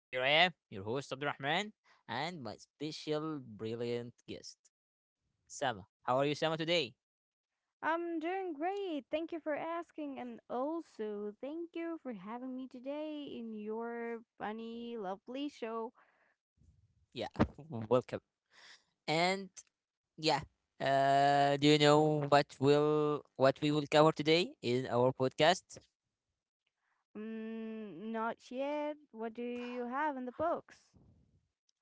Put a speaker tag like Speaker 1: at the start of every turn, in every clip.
Speaker 1: Here I am, your host, Abdurrahman, and my special brilliant guest, Sama. How are you, Sama, today?
Speaker 2: I'm doing great. Thank you for asking. And also, thank you for having me today in your funny, lovely show.
Speaker 1: Yeah, welcome. And yeah, do you know what we will cover today in our podcast?
Speaker 2: Not yet. What do you have in the books?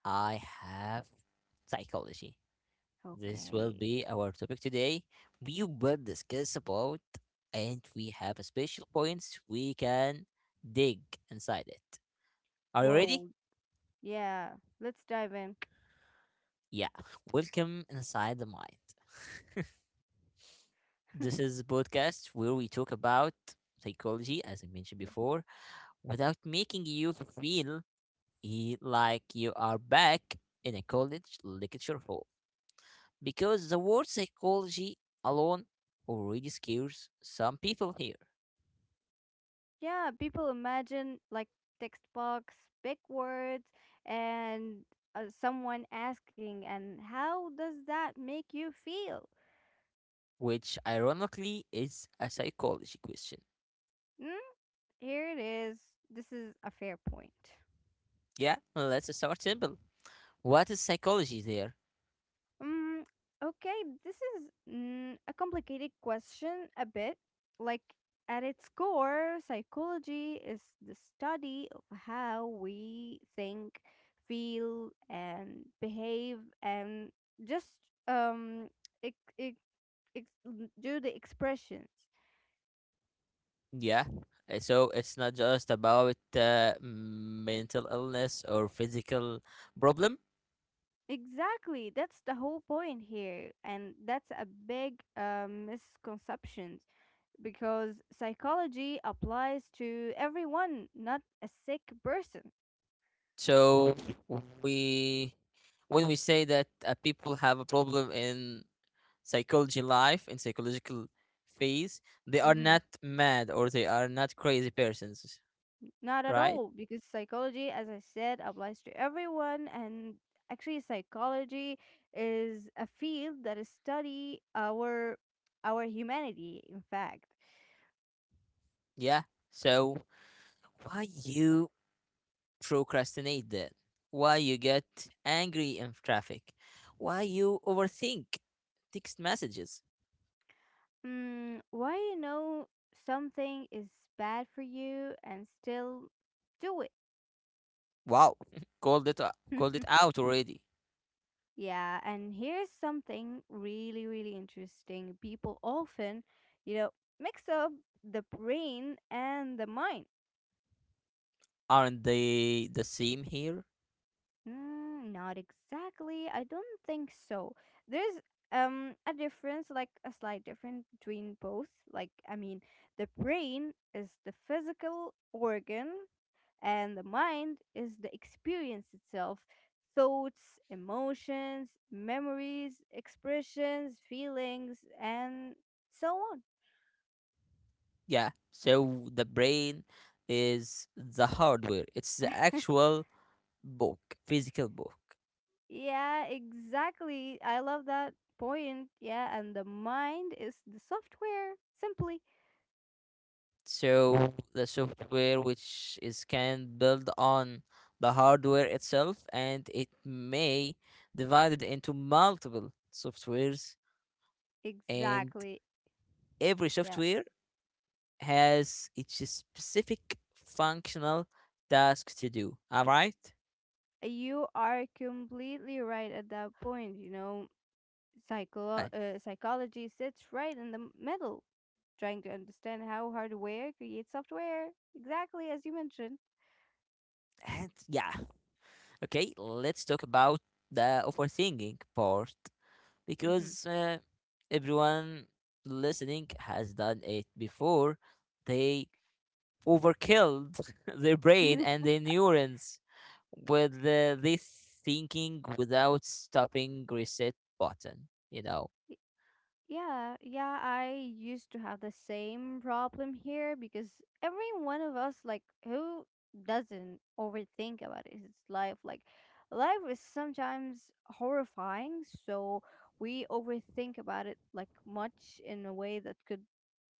Speaker 1: I have psychology. This will
Speaker 2: Okay.
Speaker 1: be our topic today. We will discuss about, and we have a special points we can dig inside it. Are you ready?
Speaker 2: Whoa. Yeah. Let's dive in.
Speaker 1: Yeah. Welcome inside the mind. This is a podcast where we talk about psychology, as I mentioned
Speaker 2: Yep.
Speaker 1: before, without making you feel like you are back in a college lecture hall. Because the word psychology alone already scares some people here.
Speaker 2: Yeah. People imagine like text box, big words, and someone asking, and how does that make you feel?
Speaker 1: Which ironically is a psychology question.
Speaker 2: Mm? Here it is. This is a fair point.
Speaker 1: Yeah, let's start simple. What is psychology there?
Speaker 2: Mm, okay, this is a complicated question a bit. Like, at its core, psychology is the study of how we think, feel, and behave, and just um, ex- ex- do the expressions.
Speaker 1: Yeah, so it's not just about mental illness or physical problem.
Speaker 2: Exactly, that's the whole point here, and that's a big misconception because psychology applies to everyone, not a sick person.
Speaker 1: So we, when we say that people have a problem in psychology life in psychological phase, they are
Speaker 2: hmm
Speaker 1: not mad or they are not crazy persons,
Speaker 2: Not at
Speaker 1: right?
Speaker 2: all, because psychology, as I said, applies to everyone. And actually, psychology is a field that is study our humanity. In fact,
Speaker 1: Yeah. So why you procrastinate that. Why you get angry in traffic, why you overthink text messages.
Speaker 2: why you know something is bad for you and still do
Speaker 1: Wow, called it
Speaker 2: it?
Speaker 1: called it out already.
Speaker 2: Yeah, and here's something really, really interesting. People often, you know, mix up the brain and the mind.
Speaker 1: Aren't they the same here?
Speaker 2: Not exactly. I don't think so. There's a difference, like a slight difference between both. Like, I mean, the brain is the physical organ. And the mind is the experience itself: thoughts, emotions, memories, expressions, feelings, and so on.
Speaker 1: Yeah. So the brain is the hardware. It's the actual book, physical book.
Speaker 2: Yeah, exactly. I love that point. Yeah, and the mind is the software, simply.
Speaker 1: So the software which is can build on the hardware itself, and it may divided into multiple softwares, and
Speaker 2: Exactly.
Speaker 1: every
Speaker 2: Yeah.
Speaker 1: software has its specific functional task to do. All right?
Speaker 2: You are completely right at that point, you know.
Speaker 1: I-
Speaker 2: Psychology sits right in the middle, trying to understand how hardware creates software, exactly as you mentioned.
Speaker 1: And yeah, okay, let's talk about the overthinking part,
Speaker 2: hmm
Speaker 1: because everyone listening has done it before. They overkilled their brain
Speaker 2: Mhm.
Speaker 1: and their neurons with this thinking without stopping reset button, you know.
Speaker 2: Y- Yeah, I used to have the same problem here because every one of us, like, who doesn't overthink about his life? Like, life is sometimes horrifying, so we overthink about it, like, much in a way that could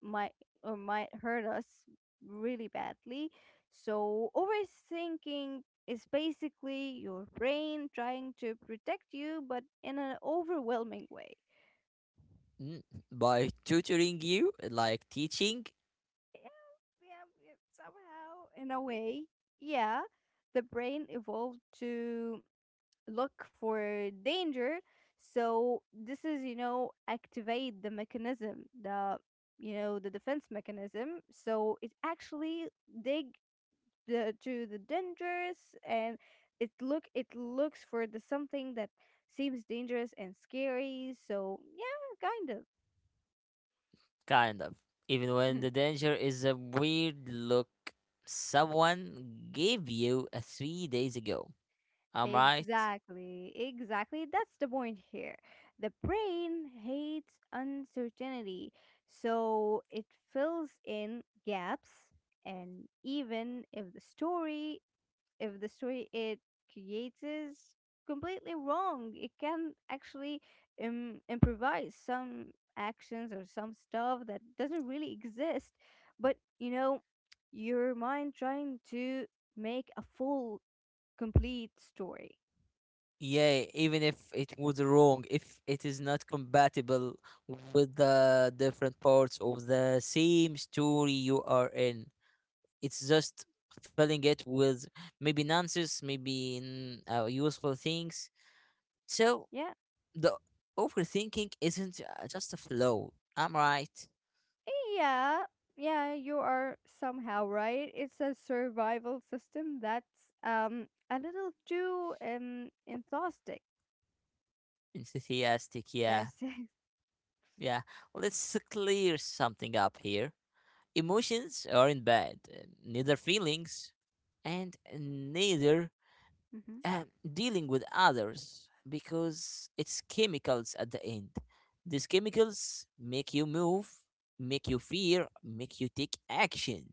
Speaker 2: might or might hurt us really badly. So overthinking is basically your brain trying to protect you, but in an overwhelming way.
Speaker 1: Mm, by tutoring you, like teaching.
Speaker 2: Yep, yep. Somehow, in a way, yeah, the brain evolved to look for danger. So this is, you know, activate the mechanism, the, you know, the defense mechanism. So it actually dig the to the dangerous and it looks for the something that seems dangerous and scary, so yeah, kind
Speaker 1: Kind of. Even
Speaker 2: of.
Speaker 1: when the danger is a weird look someone gave you a 3 days ago. I'm right.
Speaker 2: Exactly, exactly, that's the point here. The brain hates uncertainty, so it fills in gaps, and even if the story, if the story it creates is completely wrong, it can actually improvise some actions or some stuff that doesn't really exist. But you know, your mind trying to make a full, complete story.
Speaker 1: Yeah, even if it was wrong, if it is not compatible with the different parts of the same story you are in, it's just filling it with maybe nonsense, maybe useful things. So
Speaker 2: Yeah,
Speaker 1: the overthinking isn't just a flow. I'm right.
Speaker 2: yeah, yeah. You are somehow right. It's a survival system that's a little too enthusiastic.
Speaker 1: Enthusiastic, yeah.
Speaker 2: Yes.
Speaker 1: Yeah. Well, let's clear something up here. Emotions aren't bad, neither feelings, and neither um, dealing with others, because it's chemicals at the end. These chemicals make you move, make you fear, make you take action.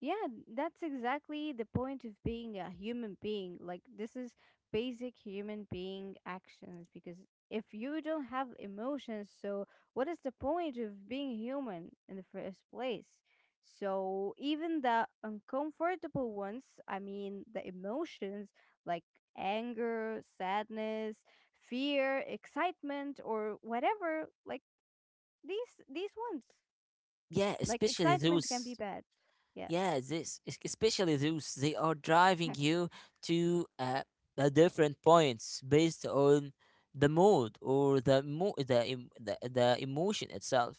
Speaker 2: Yeah, that's exactly the point of being a human being. Like, this is basic human being actions because if you don't have emotions, so what is the point of being human in the first place? So, even the uncomfortable ones, I mean, the emotions like anger, sadness, fear, excitement, or whatever, like these ones.
Speaker 1: Yeah,
Speaker 2: Like
Speaker 1: especially
Speaker 2: excitement can be
Speaker 1: those.
Speaker 2: bad. Yeah.
Speaker 1: Yeah, this especially those they are driving you to the different points based on the mood or the the, the emotion itself.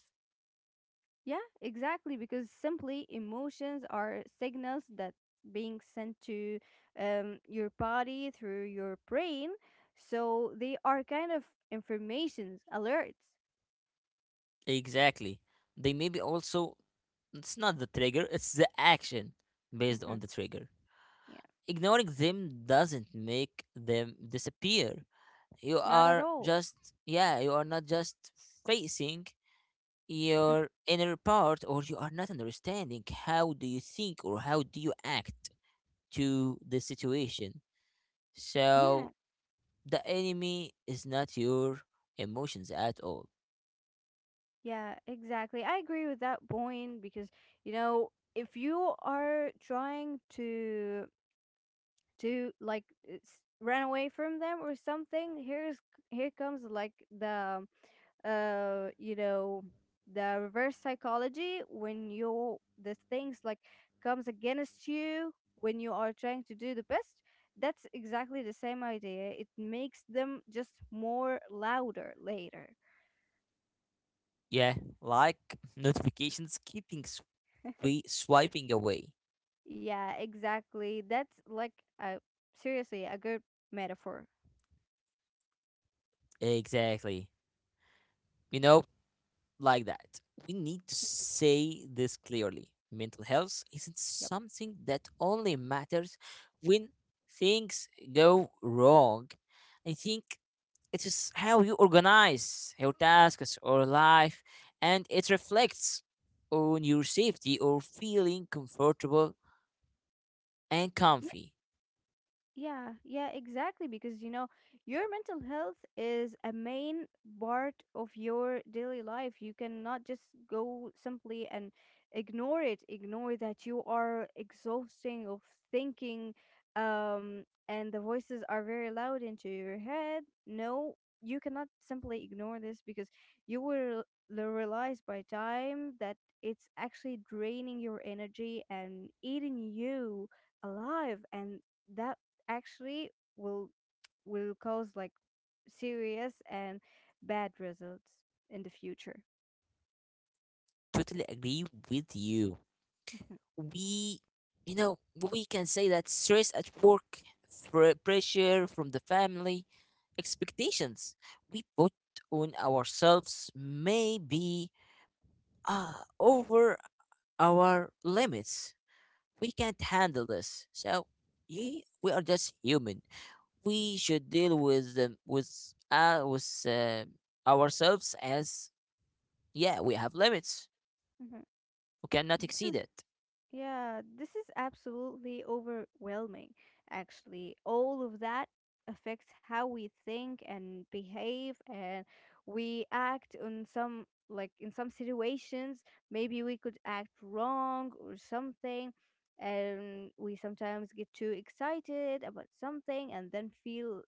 Speaker 2: Yeah, exactly. Because simply emotions are signals that being sent to your body through your brain. So they are kind of informations, alerts.
Speaker 1: Exactly. They maybe also it's not the trigger, it's the action based
Speaker 2: hmm
Speaker 1: on the trigger.
Speaker 2: Yeah,
Speaker 1: Ignoring them doesn't make them disappear. You
Speaker 2: not at
Speaker 1: are
Speaker 2: all.
Speaker 1: just, yeah, you are not just facing your inner part, or you are not understanding how do you think or how do you act to the situation.
Speaker 2: Yeah,
Speaker 1: So the enemy is not your emotions at all.
Speaker 2: yeah, exactly. I agree with that point because, you know, if you are trying to like run away from them or something, here's here comes like the uh you know the reverse psychology when you the things like comes against you when you are trying to do the best. That's exactly the same idea. It makes them just more louder later.
Speaker 1: Yeah, like notifications keeping swiping away,
Speaker 2: Yeah, exactly. That's like a seriously a good metaphor.
Speaker 1: exactly. You know, like that, we need to say this clearly. Mental health isn't
Speaker 2: Yep.
Speaker 1: something that only matters when things go wrong, I think. It is how you organize your tasks or life, and it reflects on your safety or feeling comfortable and comfy.
Speaker 2: Yeah, yeah, exactly. Because you know, your mental health is a main part of your daily life. You cannot just go simply and ignore it, ignore that you are exhausting of thinking, and the voices are very loud into your head. No, you cannot simply ignore this because you will realize by time that it's actually draining your energy and eating you alive, and that actually will will cause like serious and bad results in the future.
Speaker 1: Totally agree with you.
Speaker 2: Mhm,
Speaker 1: We, you know, we can say that stress at work, pressure from the family, expectations we put on ourselves may be uh, over our limits. We can't handle this. So yeah, we are just human. We should deal with them with ourselves, as, yeah, we have limits.
Speaker 2: mhm.
Speaker 1: We cannot
Speaker 2: This
Speaker 1: exceed
Speaker 2: is
Speaker 1: it.
Speaker 2: Yeah, this is absolutely overwhelming, actually. All of that affects how we think and behave and we act in some, like in some situations, maybe we could act wrong or something. And we sometimes get too excited about something and then feel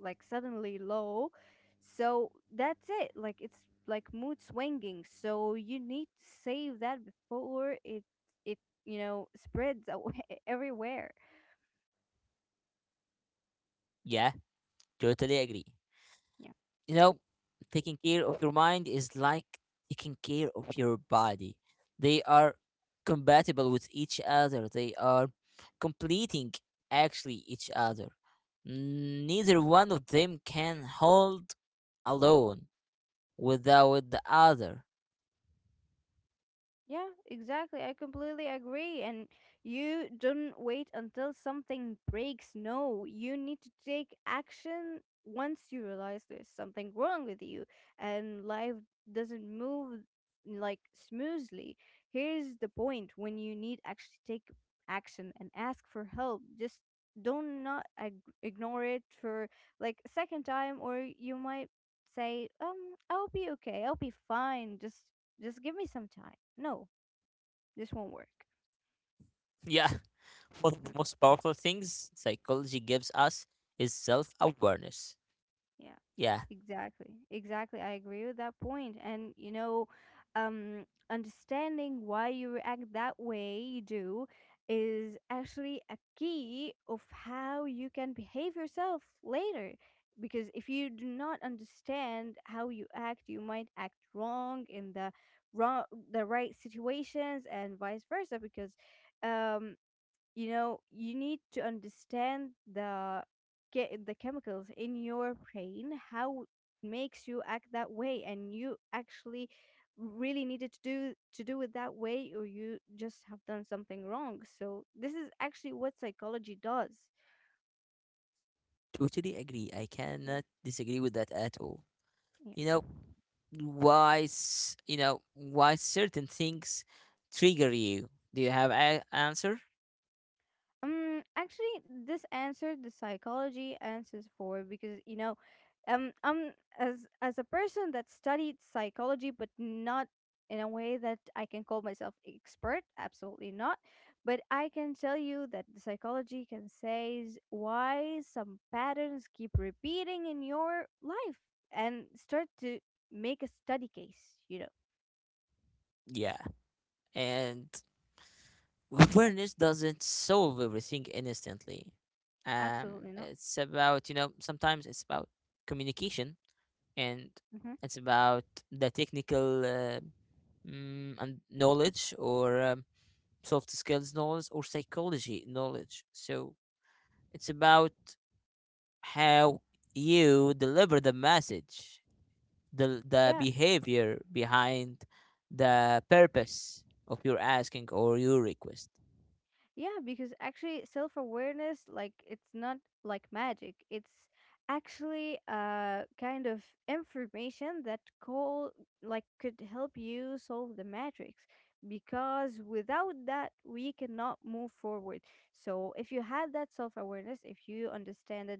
Speaker 2: like suddenly low. So that's it. Like it's like mood swinging. So you need to save that before it it you know, spreads everywhere.
Speaker 1: Yeah, totally agree. You know, taking care of your mind is like taking care of your body. They are compatible with each other. They are completing actually each other. Neither one of them can hold alone, without the other.
Speaker 2: Yeah, exactly. I completely agree. And you don't wait until something breaks. No, you need to take action once you realize there's something wrong with you and life doesn't move like smoothly. Here's the point when you need actually take action and ask for help. Just don't not ignore it for like a second time or you might say I'll be okay, I'll be fine, just give me some time. No, this won't work.
Speaker 1: Yeah, one of the
Speaker 2: Mm,
Speaker 1: most powerful things psychology gives us is self awareness.
Speaker 2: yeah,
Speaker 1: Yeah,
Speaker 2: exactly. Exactly. I agree with that point. And, you know, um, understanding why you react that way you do is actually a key of how you can behave yourself later. Because if you do not understand how you act, you might act wrong in the wrong the right situations and vice versa because um you know, you need to understand the get the chemicals in your brain how it makes you act that way, and you actually really needed to do it that way or you just have done something wrong. So this is actually what psychology does.
Speaker 1: totally agree. I cannot disagree with that at all. You
Speaker 2: Yeah.
Speaker 1: know, why, you know, why certain things trigger you? Do you have an answer?
Speaker 2: Actually, this answer the psychology answers for because you know, um, um, as a person that studied psychology, but not in a way that I can call myself expert, absolutely not. But I can tell you that the psychology can says why some patterns keep repeating in your life and start to make a study case. You know,
Speaker 1: Yeah. And awareness doesn't solve everything instantly. Um,
Speaker 2: absolutely not.
Speaker 1: it's about, you know, sometimes it's about communication, and
Speaker 2: Mm-hmm.
Speaker 1: it's about the technical and knowledge, or soft skills knowledge or psychology knowledge. So it's about how you deliver the message, the
Speaker 2: Yeah,
Speaker 1: behavior behind the purpose of your asking or your request.
Speaker 2: yeah, because actually self awareness, like it's not like magic. It's actually a kind of information that call like could help you solve the matrix because without that we cannot move forward. So if you had that self awareness, if you understand that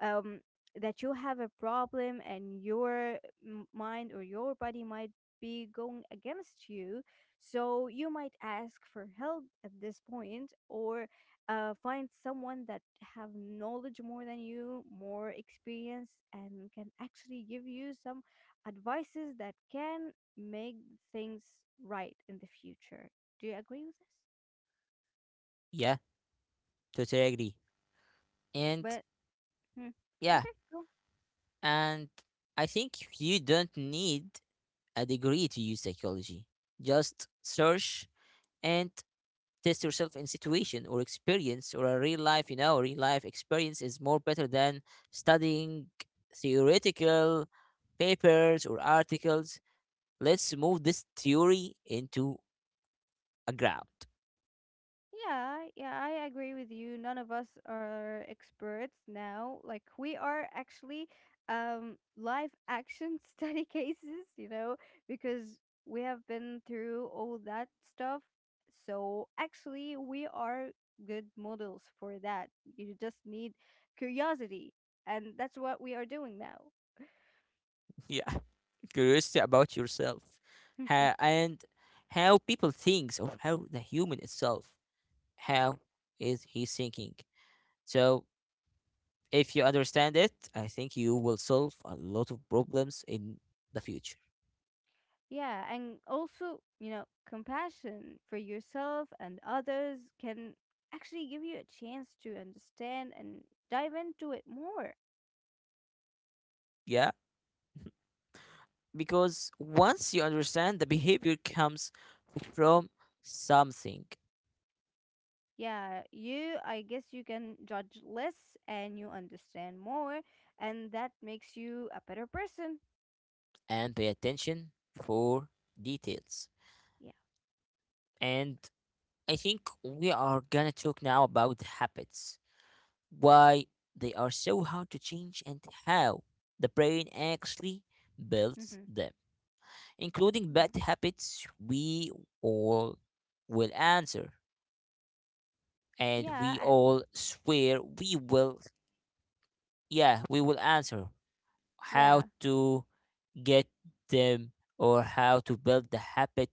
Speaker 2: um that you have a problem and your mind or your body might be going against you, so you might ask for help at this point or find someone that have knowledge more than you, more experience, and can actually give you some advices that can make things right in the future. Do you agree with this?
Speaker 1: Yeah, totally agree. And
Speaker 2: But hmm,
Speaker 1: yeah,
Speaker 2: okay. Go.
Speaker 1: and I think you don't need a degree to use psychology. Just search and test yourself in situation or experience or a real life experience is more better than studying theoretical papers or articles. Let's move this theory into a ground.
Speaker 2: Yeah, yeah, I agree with you. None of us are experts now. Like we are actually live action study cases, you know, because we have been through all that stuff. So actually we are good models for that. You just need curiosity, and that's what we are doing now.
Speaker 1: Yeah, curiosity about yourself, and how people thinks, or how the human itself, how is he thinking. So if you understand it, I think you will solve a lot of problems in the future.
Speaker 2: Yeah, and also, you know, compassion for yourself and others can actually give you a chance to understand and dive into it more.
Speaker 1: Yeah, because once you understand the behavior comes from something.
Speaker 2: Yeah, you, I guess you can judge less and you understand more, and that makes you a better person.
Speaker 1: And pay attention for details.
Speaker 2: Yeah.
Speaker 1: And I think we are gonna talk now about habits, why they are so hard to change, and how the brain actually
Speaker 2: Mm-hmm.
Speaker 1: builds them, including
Speaker 2: Yeah.
Speaker 1: bad habits we all will answer and
Speaker 2: Yeah.
Speaker 1: we
Speaker 2: And
Speaker 1: all swear we will. Yeah, we will answer how
Speaker 2: yeah.
Speaker 1: to get them, or how to build the habit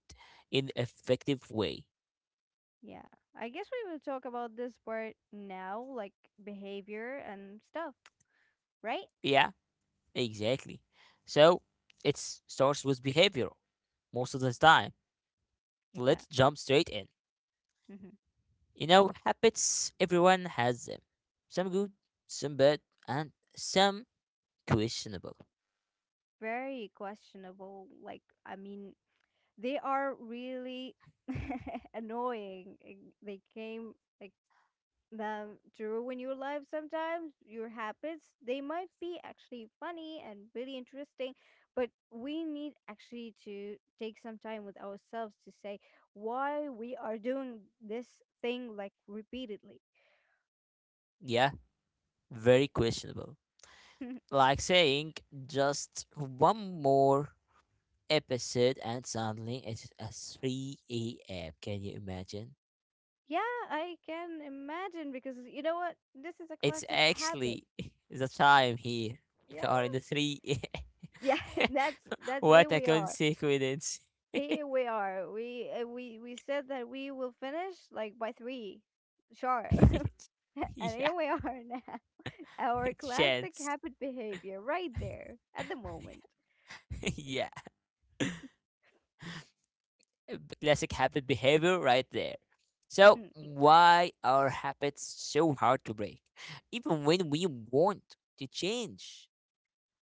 Speaker 1: in effective way.
Speaker 2: Yeah. I guess we will talk about this part now, like behavior and stuff, right?
Speaker 1: Yeah, exactly. So it starts with behavior most of the time.
Speaker 2: Yeah.
Speaker 1: Let's jump straight in.
Speaker 2: Mm-hmm.
Speaker 1: You know, habits, everyone has them. Some good, some bad, and some questionable.
Speaker 2: Very questionable. Like, I mean, they are really annoying. And They came like them to ruin your life sometimes, your habits. They might be actually funny and really interesting, but we need actually to take some time with ourselves to say why we are doing this thing like repeatedly.
Speaker 1: Yeah, very questionable. Like saying just one more episode and suddenly it's at 3 a.m. Can you imagine?
Speaker 2: Yeah, I can imagine because you know what? This is a
Speaker 1: It's
Speaker 2: classic habit.
Speaker 1: actually the time here.
Speaker 2: Yeah.
Speaker 1: We are in the three.
Speaker 2: Yeah, that's that's here
Speaker 1: What a
Speaker 2: we are.
Speaker 1: consequence.
Speaker 2: Here we are. We we said that we will finish like by three, sharp, and
Speaker 1: Yeah,
Speaker 2: here we are now. Our classic
Speaker 1: chance.
Speaker 2: habit behavior, right there at the moment.
Speaker 1: Yeah, classic habit behavior right there. So, why are habits so hard to break? Even when we want to change.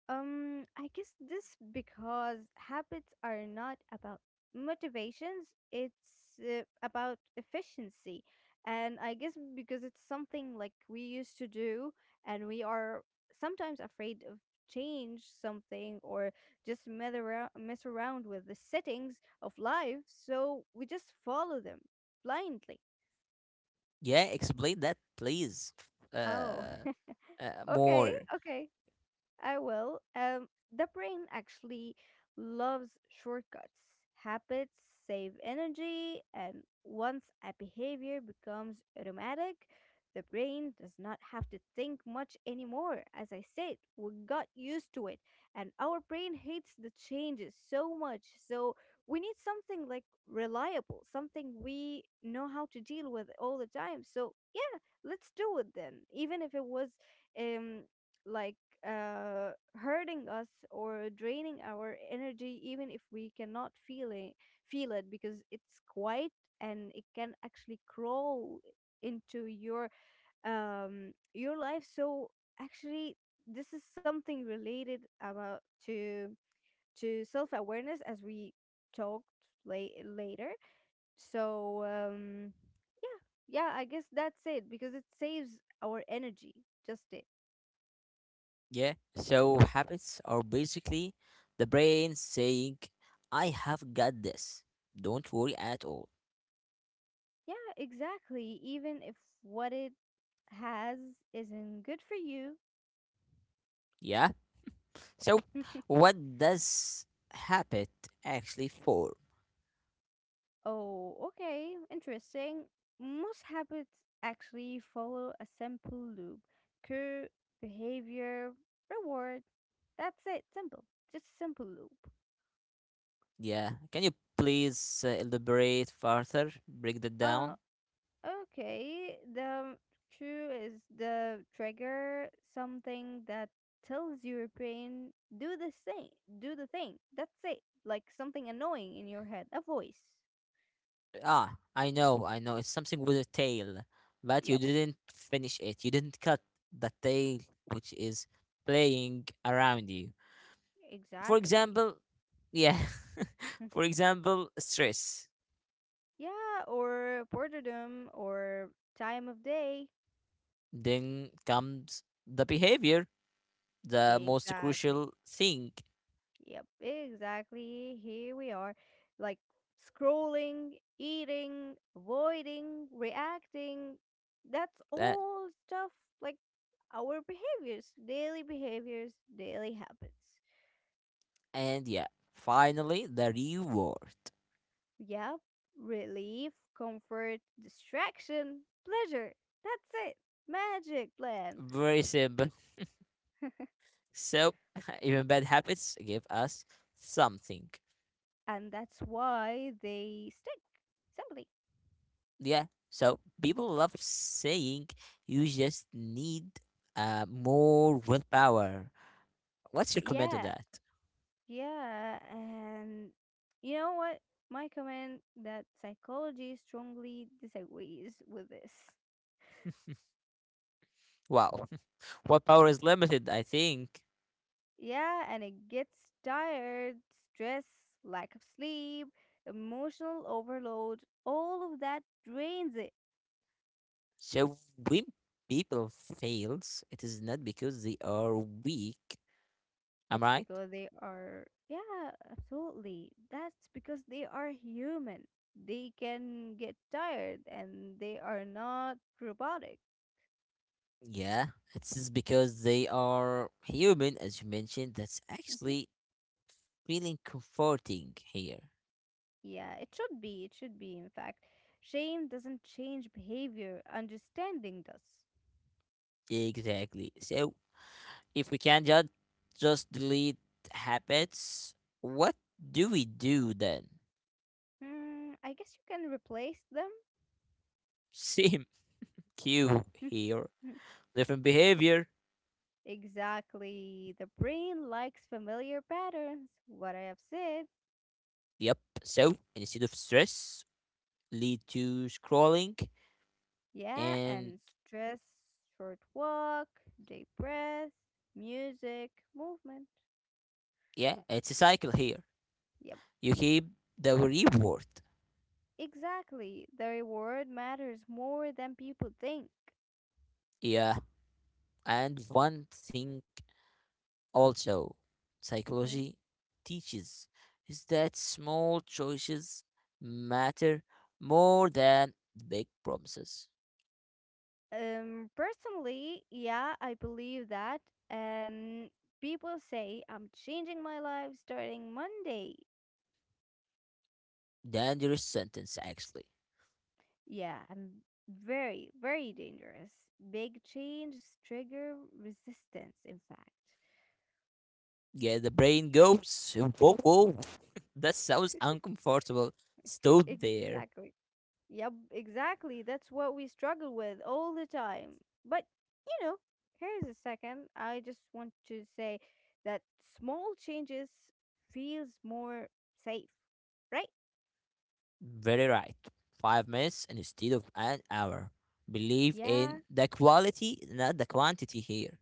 Speaker 2: I guess this because habits are not about motivations, it's about efficiency. And I guess because it's something like we used to do, and we are sometimes afraid of change something or just mess around with the settings of life, so we just follow them blindly.
Speaker 1: Yeah, explain that, please.
Speaker 2: Oh,
Speaker 1: Uh,
Speaker 2: okay,
Speaker 1: more.
Speaker 2: okay. I will. The brain actually loves shortcuts. Habits save energy, and once a behavior becomes automatic, the brain does not have to think much anymore. As I said, we got used to it, and our brain hates the changes so much. So, we need something like reliable, something we know how to deal with all the time. So, yeah, let's do it then, even if it was um, like hurting us or draining our energy, even if we cannot feel it because it's quiet and it can actually crawl into your life. So actually, this is something related about to to self awareness as we talked later. So um, yeah, yeah, I guess that's it because it saves our energy. Just it.
Speaker 1: Yeah, so habits are basically the brain saying, I have got this. Don't worry at all.
Speaker 2: Yeah, exactly. Even if what it has isn't good for you.
Speaker 1: Yeah? So, what does habit actually for?
Speaker 2: Oh, okay, interesting. Most habits actually follow a simple loop cue, behavior, reward. That's it, simple. Just simple loop.
Speaker 1: Yeah, can you please elaborate further? Break that
Speaker 2: Uh.
Speaker 1: down?
Speaker 2: Okay, the cue is the trigger, something that tells your brain do this thing, do the thing. That's it. Like something annoying in your head, a voice.
Speaker 1: Ah, I know, I know. It's something with a tail, but you
Speaker 2: Yep,
Speaker 1: didn't finish it. You didn't cut the tail, which is playing around you. For
Speaker 2: exactly.
Speaker 1: example, yeah,
Speaker 2: Hmm.
Speaker 1: for example, stress.
Speaker 2: Yeah, or boredom or time of day.
Speaker 1: Then comes the behavior, the most
Speaker 2: Exactly.
Speaker 1: crucial thing.
Speaker 2: Yep, exactly. Here we are, like scrolling, eating, avoiding, reacting. That's
Speaker 1: That.
Speaker 2: all stuff like our behaviors, daily habits.
Speaker 1: And yeah, finally the reward.
Speaker 2: Yep, relief, comfort, distraction, pleasure. That's it. Magic plan.
Speaker 1: Very simple. So even bad habits give us something.
Speaker 2: And that's why they stick. Simply.
Speaker 1: Yeah. So people love saying you just need more willpower. What's your comment on
Speaker 2: Yeah,
Speaker 1: that?
Speaker 2: Yeah, and you know what? My comment that psychology strongly disagrees with this.
Speaker 1: Wow. What power is limited, I think.
Speaker 2: Yeah, and it gets tired, stress, lack of sleep, emotional overload, all of that drains it.
Speaker 1: So when people fails, it is not because they are weak.
Speaker 2: It's
Speaker 1: I'm right.
Speaker 2: because they are, yeah, absolutely. That's because they are human. They can get tired and they are not robotic.
Speaker 1: Yeah, it is because they are human, as you mentioned. That's actually feeling comforting here.
Speaker 2: Yeah, it should be. It should be, in fact. Shame doesn't change behavior, understanding does.
Speaker 1: Exactly. So if we can just delete habits, what do we do then?
Speaker 2: Hmm, I guess you can replace them.
Speaker 1: Same cue here. Different behavior.
Speaker 2: Exactly. The brain likes familiar patterns, what I have said.
Speaker 1: Yep. So instead of stress, lead
Speaker 2: S-
Speaker 1: to scrolling
Speaker 2: Yeah,
Speaker 1: and,
Speaker 2: and stress, short walk, deep breath, music, movement.
Speaker 1: yeah, it's a cycle here.
Speaker 2: Yep,
Speaker 1: You keep the reward.
Speaker 2: exactly. The reward matters more than people think.
Speaker 1: Yeah, and one thing also
Speaker 2: Mm-hmm.
Speaker 1: psychology teaches is that small choices matter more than big promises.
Speaker 2: Personally, yeah, I believe that. And people say I'm changing my life starting Monday.
Speaker 1: Dangerous sentence, actually.
Speaker 2: Yeah, I'm very, very dangerous. Big change trigger resistance, in fact.
Speaker 1: Yeah, the brain goes, whoa, whoa, that sounds uncomfortable. Stood there.
Speaker 2: Exactly. Yep, exactly. That's what we struggle with all the time. But, you know, here's a second. I just want to say that small changes feels more safe, right?
Speaker 1: Very right. 5 minutes instead of an hour. Believe
Speaker 2: Yeah,
Speaker 1: in the quality, not the quantity here.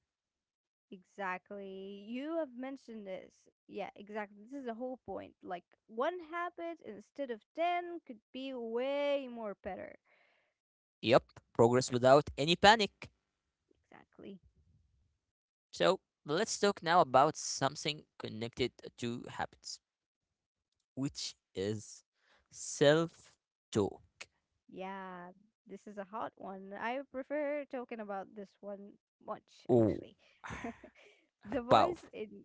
Speaker 2: Exactly. You have mentioned this. Yeah, exactly. This is the whole point. Like one habit instead of 10 could be way more better.
Speaker 1: Yep, progress without any panic.
Speaker 2: Exactly.
Speaker 1: So let's talk now about something connected to habits, which is self talk.
Speaker 2: Yeah, this is a hot one. I prefer talking about this one much
Speaker 1: Oh,
Speaker 2: actually. The
Speaker 1: wow.
Speaker 2: voice in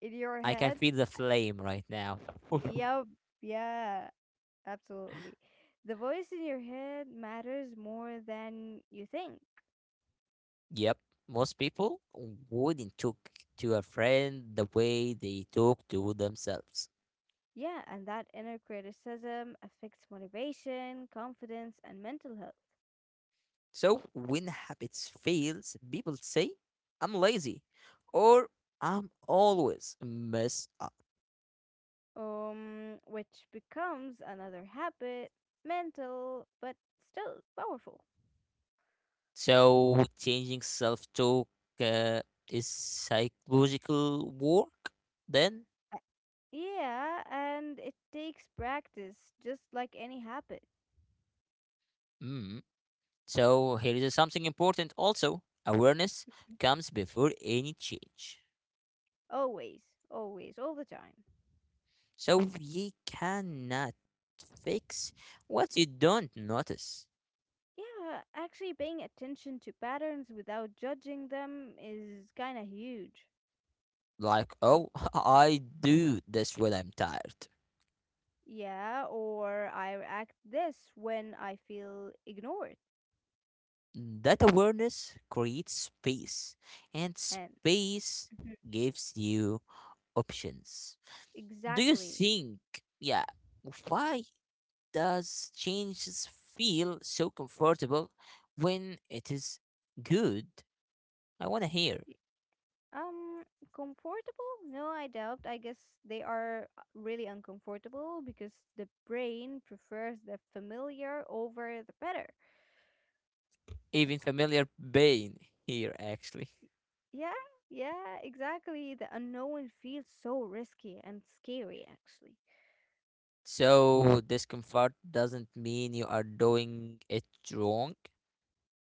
Speaker 2: in your
Speaker 1: I can
Speaker 2: head.
Speaker 1: feel the
Speaker 2: uh,
Speaker 1: flame right now.
Speaker 2: Yup. Yeah, absolutely. The voice in your head matters more than you think.
Speaker 1: Yep, most people wouldn't talk to a friend the way they talk to themselves.
Speaker 2: Yeah, and that inner criticism affects motivation, confidence, and mental health,
Speaker 1: So when habits fails, people say, I'm lazy, or I'm always messed up.
Speaker 2: which becomes another habit, mental, but still powerful.
Speaker 1: So changing self-talk uh, is psychological work then?
Speaker 2: Uh, Yeah, and it takes practice, just like any habit.
Speaker 1: Mm. So here is something important also. Awareness comes before any change.
Speaker 2: Always, always, all the time.
Speaker 1: So you cannot fix what you don't notice.
Speaker 2: Yeah, actually paying attention to patterns without judging them is kind of huge.
Speaker 1: Like, oh, I do this when I'm tired.
Speaker 2: Yeah, or I react this when I feel ignored.
Speaker 1: That awareness creates space, and
Speaker 2: And
Speaker 1: space
Speaker 2: Mhm.
Speaker 1: gives you options. Do you
Speaker 2: Exactly.
Speaker 1: think, yeah, why does changes feel so comfortable when it is good? I want to hear.
Speaker 2: Y- Um, comfortable? No, I doubt. I guess they are really uncomfortable because the brain prefers the familiar over the better.
Speaker 1: Even familiar pain here, actually.
Speaker 2: Yeah, yeah, exactly. The unknown feels so risky and scary, actually.
Speaker 1: So, discomfort doesn't mean you are doing it wrong.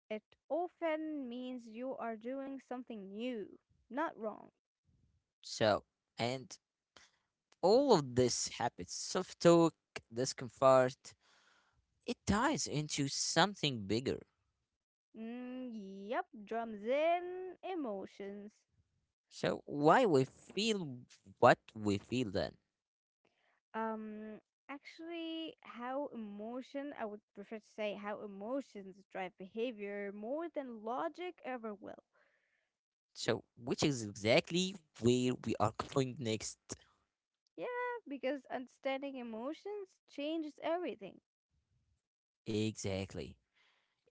Speaker 2: It often means you are doing something new, not wrong.
Speaker 1: So, and all of this happens, self talk, discomfort, it ties into something bigger.
Speaker 2: Mm, yep, drums in emotions.
Speaker 1: So why we feel what we feel then.
Speaker 2: Um, actually, I would prefer to say how emotions drive behavior more than logic ever will.
Speaker 1: So which is exactly where we are going next.
Speaker 2: Yeah, because understanding emotions changes everything.
Speaker 1: Exactly.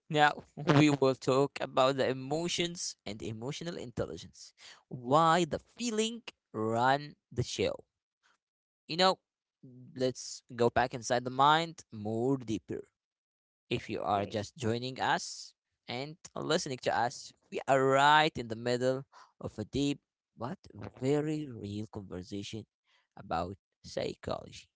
Speaker 1: Now we will talk about the emotions and emotional intelligence. Why the feeling run the show. You know, let's go back inside the mind more deeper. If you are
Speaker 2: Okay,
Speaker 1: just joining us and listening to us, we are right in the middle of a deep but very real conversation about psychology.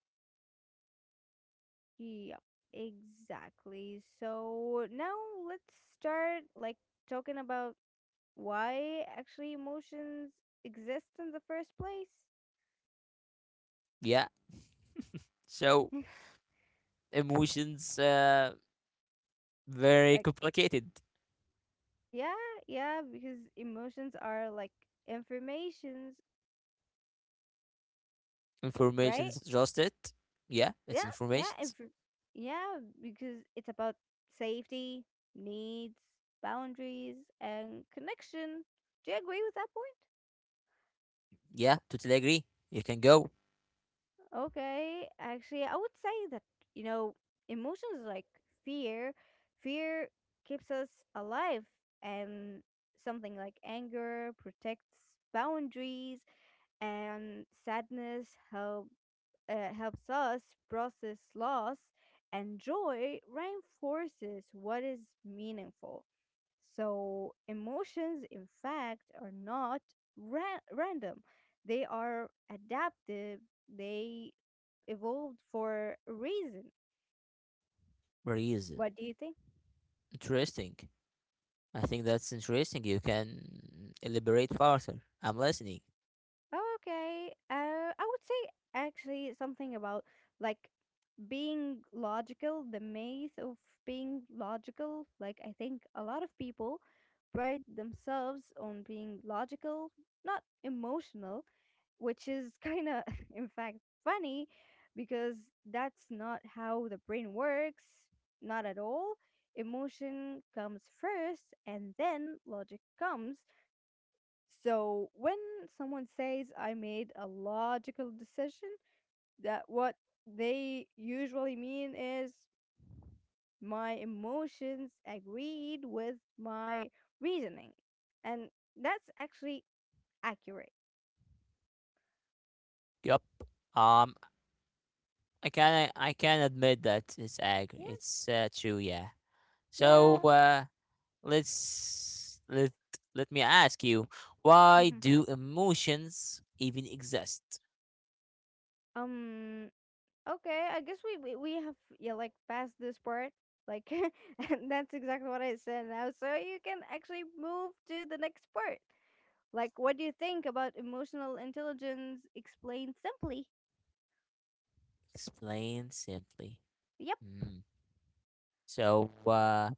Speaker 2: yeah, exactly. So now let's start like talking about why actually emotions exist in the first place.
Speaker 1: Yeah, so emotions, very
Speaker 2: Like,
Speaker 1: complicated.
Speaker 2: yeah, yeah, because emotions are like informations, right?
Speaker 1: Information's just it. Yeah, it's
Speaker 2: Yeah, yeah, and
Speaker 1: informations.
Speaker 2: for, yeah, because it's about safety, needs, boundaries, and connection. Do you agree with that point?
Speaker 1: Yeah, totally agree. You can go.
Speaker 2: Okay, actually, I would say that, you know, emotions like fear, fear keeps us alive, and something like anger protects boundaries, and helps us process loss, and joy reinforces what is meaningful. So, emotions, in fact, are not random, they are adaptive, they evolved for a reason.
Speaker 1: Reason.
Speaker 2: What do you think?
Speaker 1: Interesting. I think that's interesting. You can elaborate further. I'm listening.
Speaker 2: Oh, okay. I would say actually something about like being logical, the myth of being logical. Like, I think a lot of people pride themselves on being logical, not emotional, which is kind of, in fact, funny because that's not how the brain works, not at all. Emotion comes first and then logic comes. So, when someone says, I made a logical decision, that what they usually mean is my emotions agreed with my reasoning. And that's actually accurate.
Speaker 1: Yup. Um, I can admit that it's ag.
Speaker 2: Yeah,
Speaker 1: It's true, yeah. So
Speaker 2: yeah.
Speaker 1: let's let me ask you, why
Speaker 2: Mhm.
Speaker 1: do emotions even exist?
Speaker 2: Um, okay, I guess we have, yeah, like, passed this part. Like, and that's exactly what I said now. So you can actually move to the next part. Like, what do you think about emotional intelligence explained simply?
Speaker 1: Explain simply.
Speaker 2: Yep.
Speaker 1: Mm. So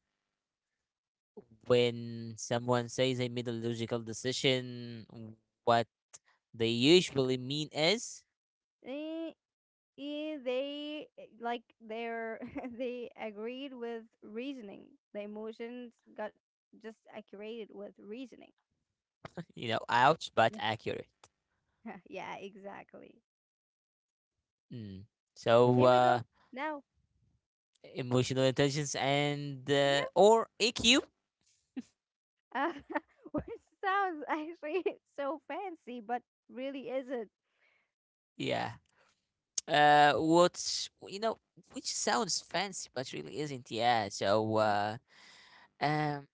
Speaker 1: when someone says I made a logical decision, what they usually mean is,
Speaker 2: eh, like their they agreed with reasoning. The emotions got just accurated with reasoning.
Speaker 1: you know, ouch, but
Speaker 2: Yeah.
Speaker 1: accurate.
Speaker 2: Yeah, exactly.
Speaker 1: Mm. So
Speaker 2: Here we go now.
Speaker 1: emotional intelligence and
Speaker 2: Yep,
Speaker 1: or EQ.
Speaker 2: uh, which sounds actually so fancy, but really isn't.
Speaker 1: Yeah. What's, you know, which sounds fancy but really isn't. Yeah. So,
Speaker 2: Yeah.
Speaker 1: um,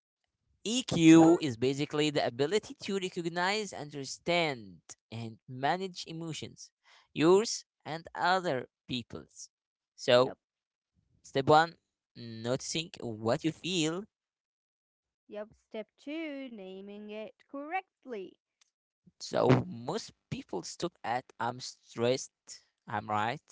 Speaker 2: Go
Speaker 1: EQ
Speaker 2: on.
Speaker 1: is basically the ability to recognize, understand, and manage emotions, yours and other people's. So,
Speaker 2: Yep,
Speaker 1: step one, noticing what you feel.
Speaker 2: yep. Step two: naming it correctly.
Speaker 1: So most people stop at I'm stressed. I'm right.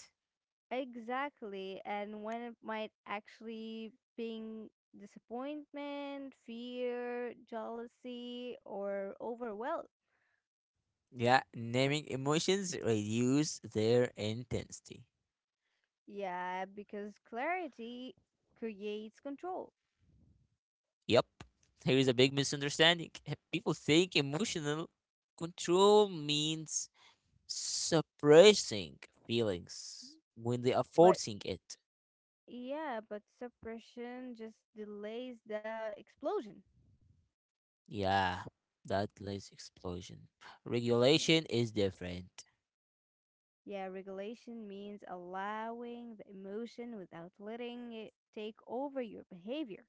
Speaker 2: Exactly, and when it might actually bring disappointment, fear, jealousy, or overwhelm.
Speaker 1: Yeah, naming emotions reduce their intensity.
Speaker 2: Yeah, because clarity creates control.
Speaker 1: Yep, here is a big misunderstanding. People think emotional control means suppressing feelings when they are
Speaker 2: But
Speaker 1: forcing it.
Speaker 2: yeah, but suppression just delays the explosion.
Speaker 1: Yeah, that leads explosion.
Speaker 2: Yeah.
Speaker 1: Regulation is different.
Speaker 2: Yeah, regulation means allowing the emotion without letting it take over your behavior.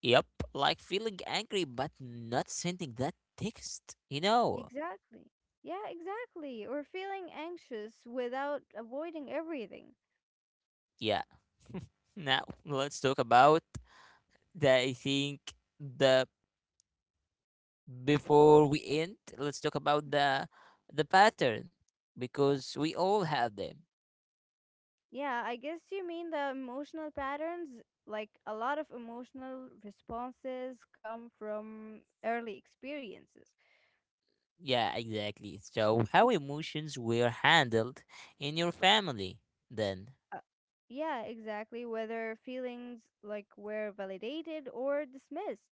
Speaker 1: Yep, like feeling angry but not sending that text. You know.
Speaker 2: Exactly. Yeah, exactly. Or feeling anxious without avoiding everything.
Speaker 1: Yeah. Now let's talk about the I think the before we end, let's talk about the pattern,
Speaker 2: Yeah.
Speaker 1: because we all have them.
Speaker 2: Yeah, I guess you mean the emotional patterns. Like a lot of emotional responses come from early experiences.
Speaker 1: Yeah, exactly. So, how emotions were handled in your family then?
Speaker 2: Uh, yeah, exactly. Whether feelings like were validated or dismissed.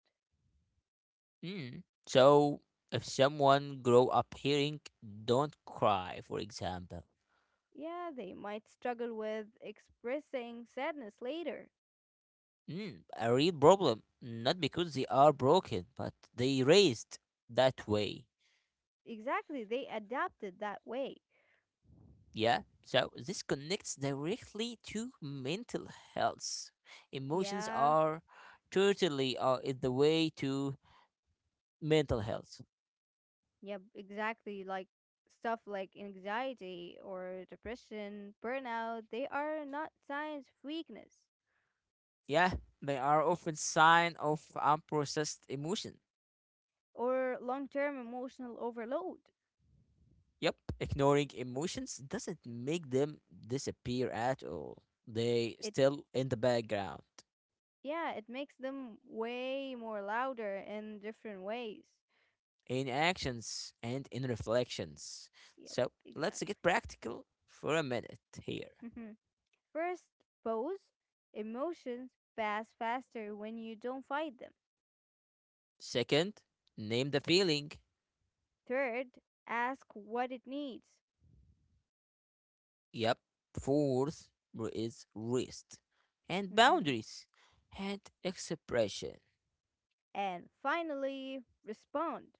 Speaker 1: Mm. So, if someone grow up hearing "Don't cry," for example,
Speaker 2: Yeah, they might struggle with expressing sadness later.
Speaker 1: mm, a real problem. Not because they are broken, but they raised that way.
Speaker 2: Exactly. They adapted that way.
Speaker 1: Yeah, so this connects directly to mental health. Emotions
Speaker 2: Yeah.
Speaker 1: are totally is the way to mental health.
Speaker 2: Yep, exactly. Like stuff like anxiety or depression, burnout, they are not signs of weakness
Speaker 1: Yeah, they are often sign of unprocessed emotion.
Speaker 2: or long-term emotional overload.
Speaker 1: Yep, ignoring emotions doesn't make them disappear at all. They
Speaker 2: It
Speaker 1: still in the background,
Speaker 2: yeah, it makes them way more louder in different ways.
Speaker 1: in actions and in reflections.
Speaker 2: Yep,
Speaker 1: So let's
Speaker 2: exactly.
Speaker 1: get practical for a minute here.
Speaker 2: Mhm. First, pose. Emotions pass faster when you don't fight them.
Speaker 1: Second, name the feeling.
Speaker 2: Third, ask what it needs.
Speaker 1: Yep. Fourth is rest and
Speaker 2: Mhm.
Speaker 1: boundaries and expression.
Speaker 2: And finally, respond.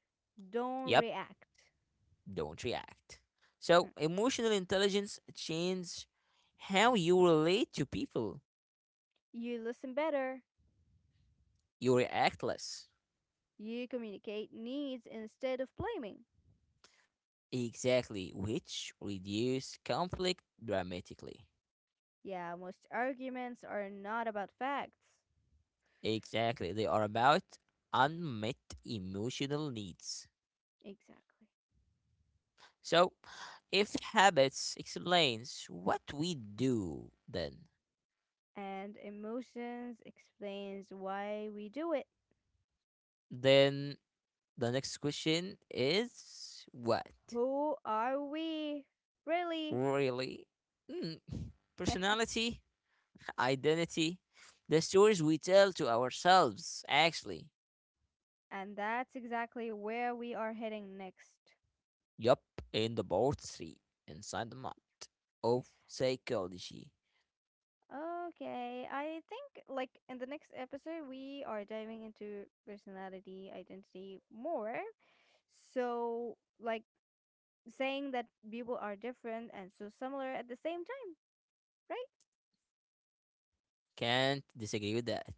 Speaker 2: Don't
Speaker 1: Yep.
Speaker 2: react.
Speaker 1: Don't react.
Speaker 2: Hmm.
Speaker 1: So, emotional intelligence changes how you relate to people.
Speaker 2: You listen better.
Speaker 1: You react less.
Speaker 2: You communicate needs instead of blaming.
Speaker 1: Exactly. Which reduce conflict dramatically.
Speaker 2: Yeah, most arguments are not about facts.
Speaker 1: Exactly. They are about unmet emotional needs.
Speaker 2: Exactly.
Speaker 1: So, if habits explains what we do, then
Speaker 2: And emotions explains why we do it.
Speaker 1: then the next question is what?
Speaker 2: Who are we? Really?
Speaker 1: Really? Hmm. Personality, identity, the stories we tell to ourselves, actually.
Speaker 2: And that's exactly where we are heading next.
Speaker 1: Yup, in the board three, inside the mind of psychology.
Speaker 2: Okay, I think like in the next episode we are diving into personality identity more. So like saying that people are different and so similar at the same time, right?
Speaker 1: Can't disagree with that.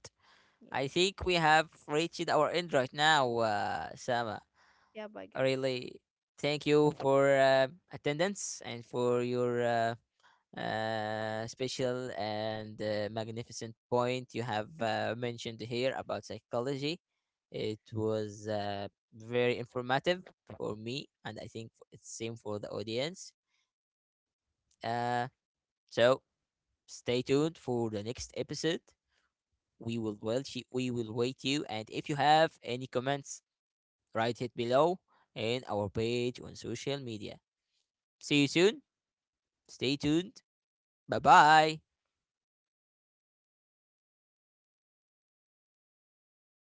Speaker 2: Yep.
Speaker 1: I think we have reached our end right now, Sama.
Speaker 2: Yep, I guess.
Speaker 1: Really, thank you for attendance and for your special and magnificent point you have mentioned here about psychology. It was very informative for me, and I think it's same for the audience. Uh, so stay tuned for the next episode. We will wait you, we will wait you, and if you have any comments, write it below in our page on social media. See you soon. Stay tuned. Bye bye.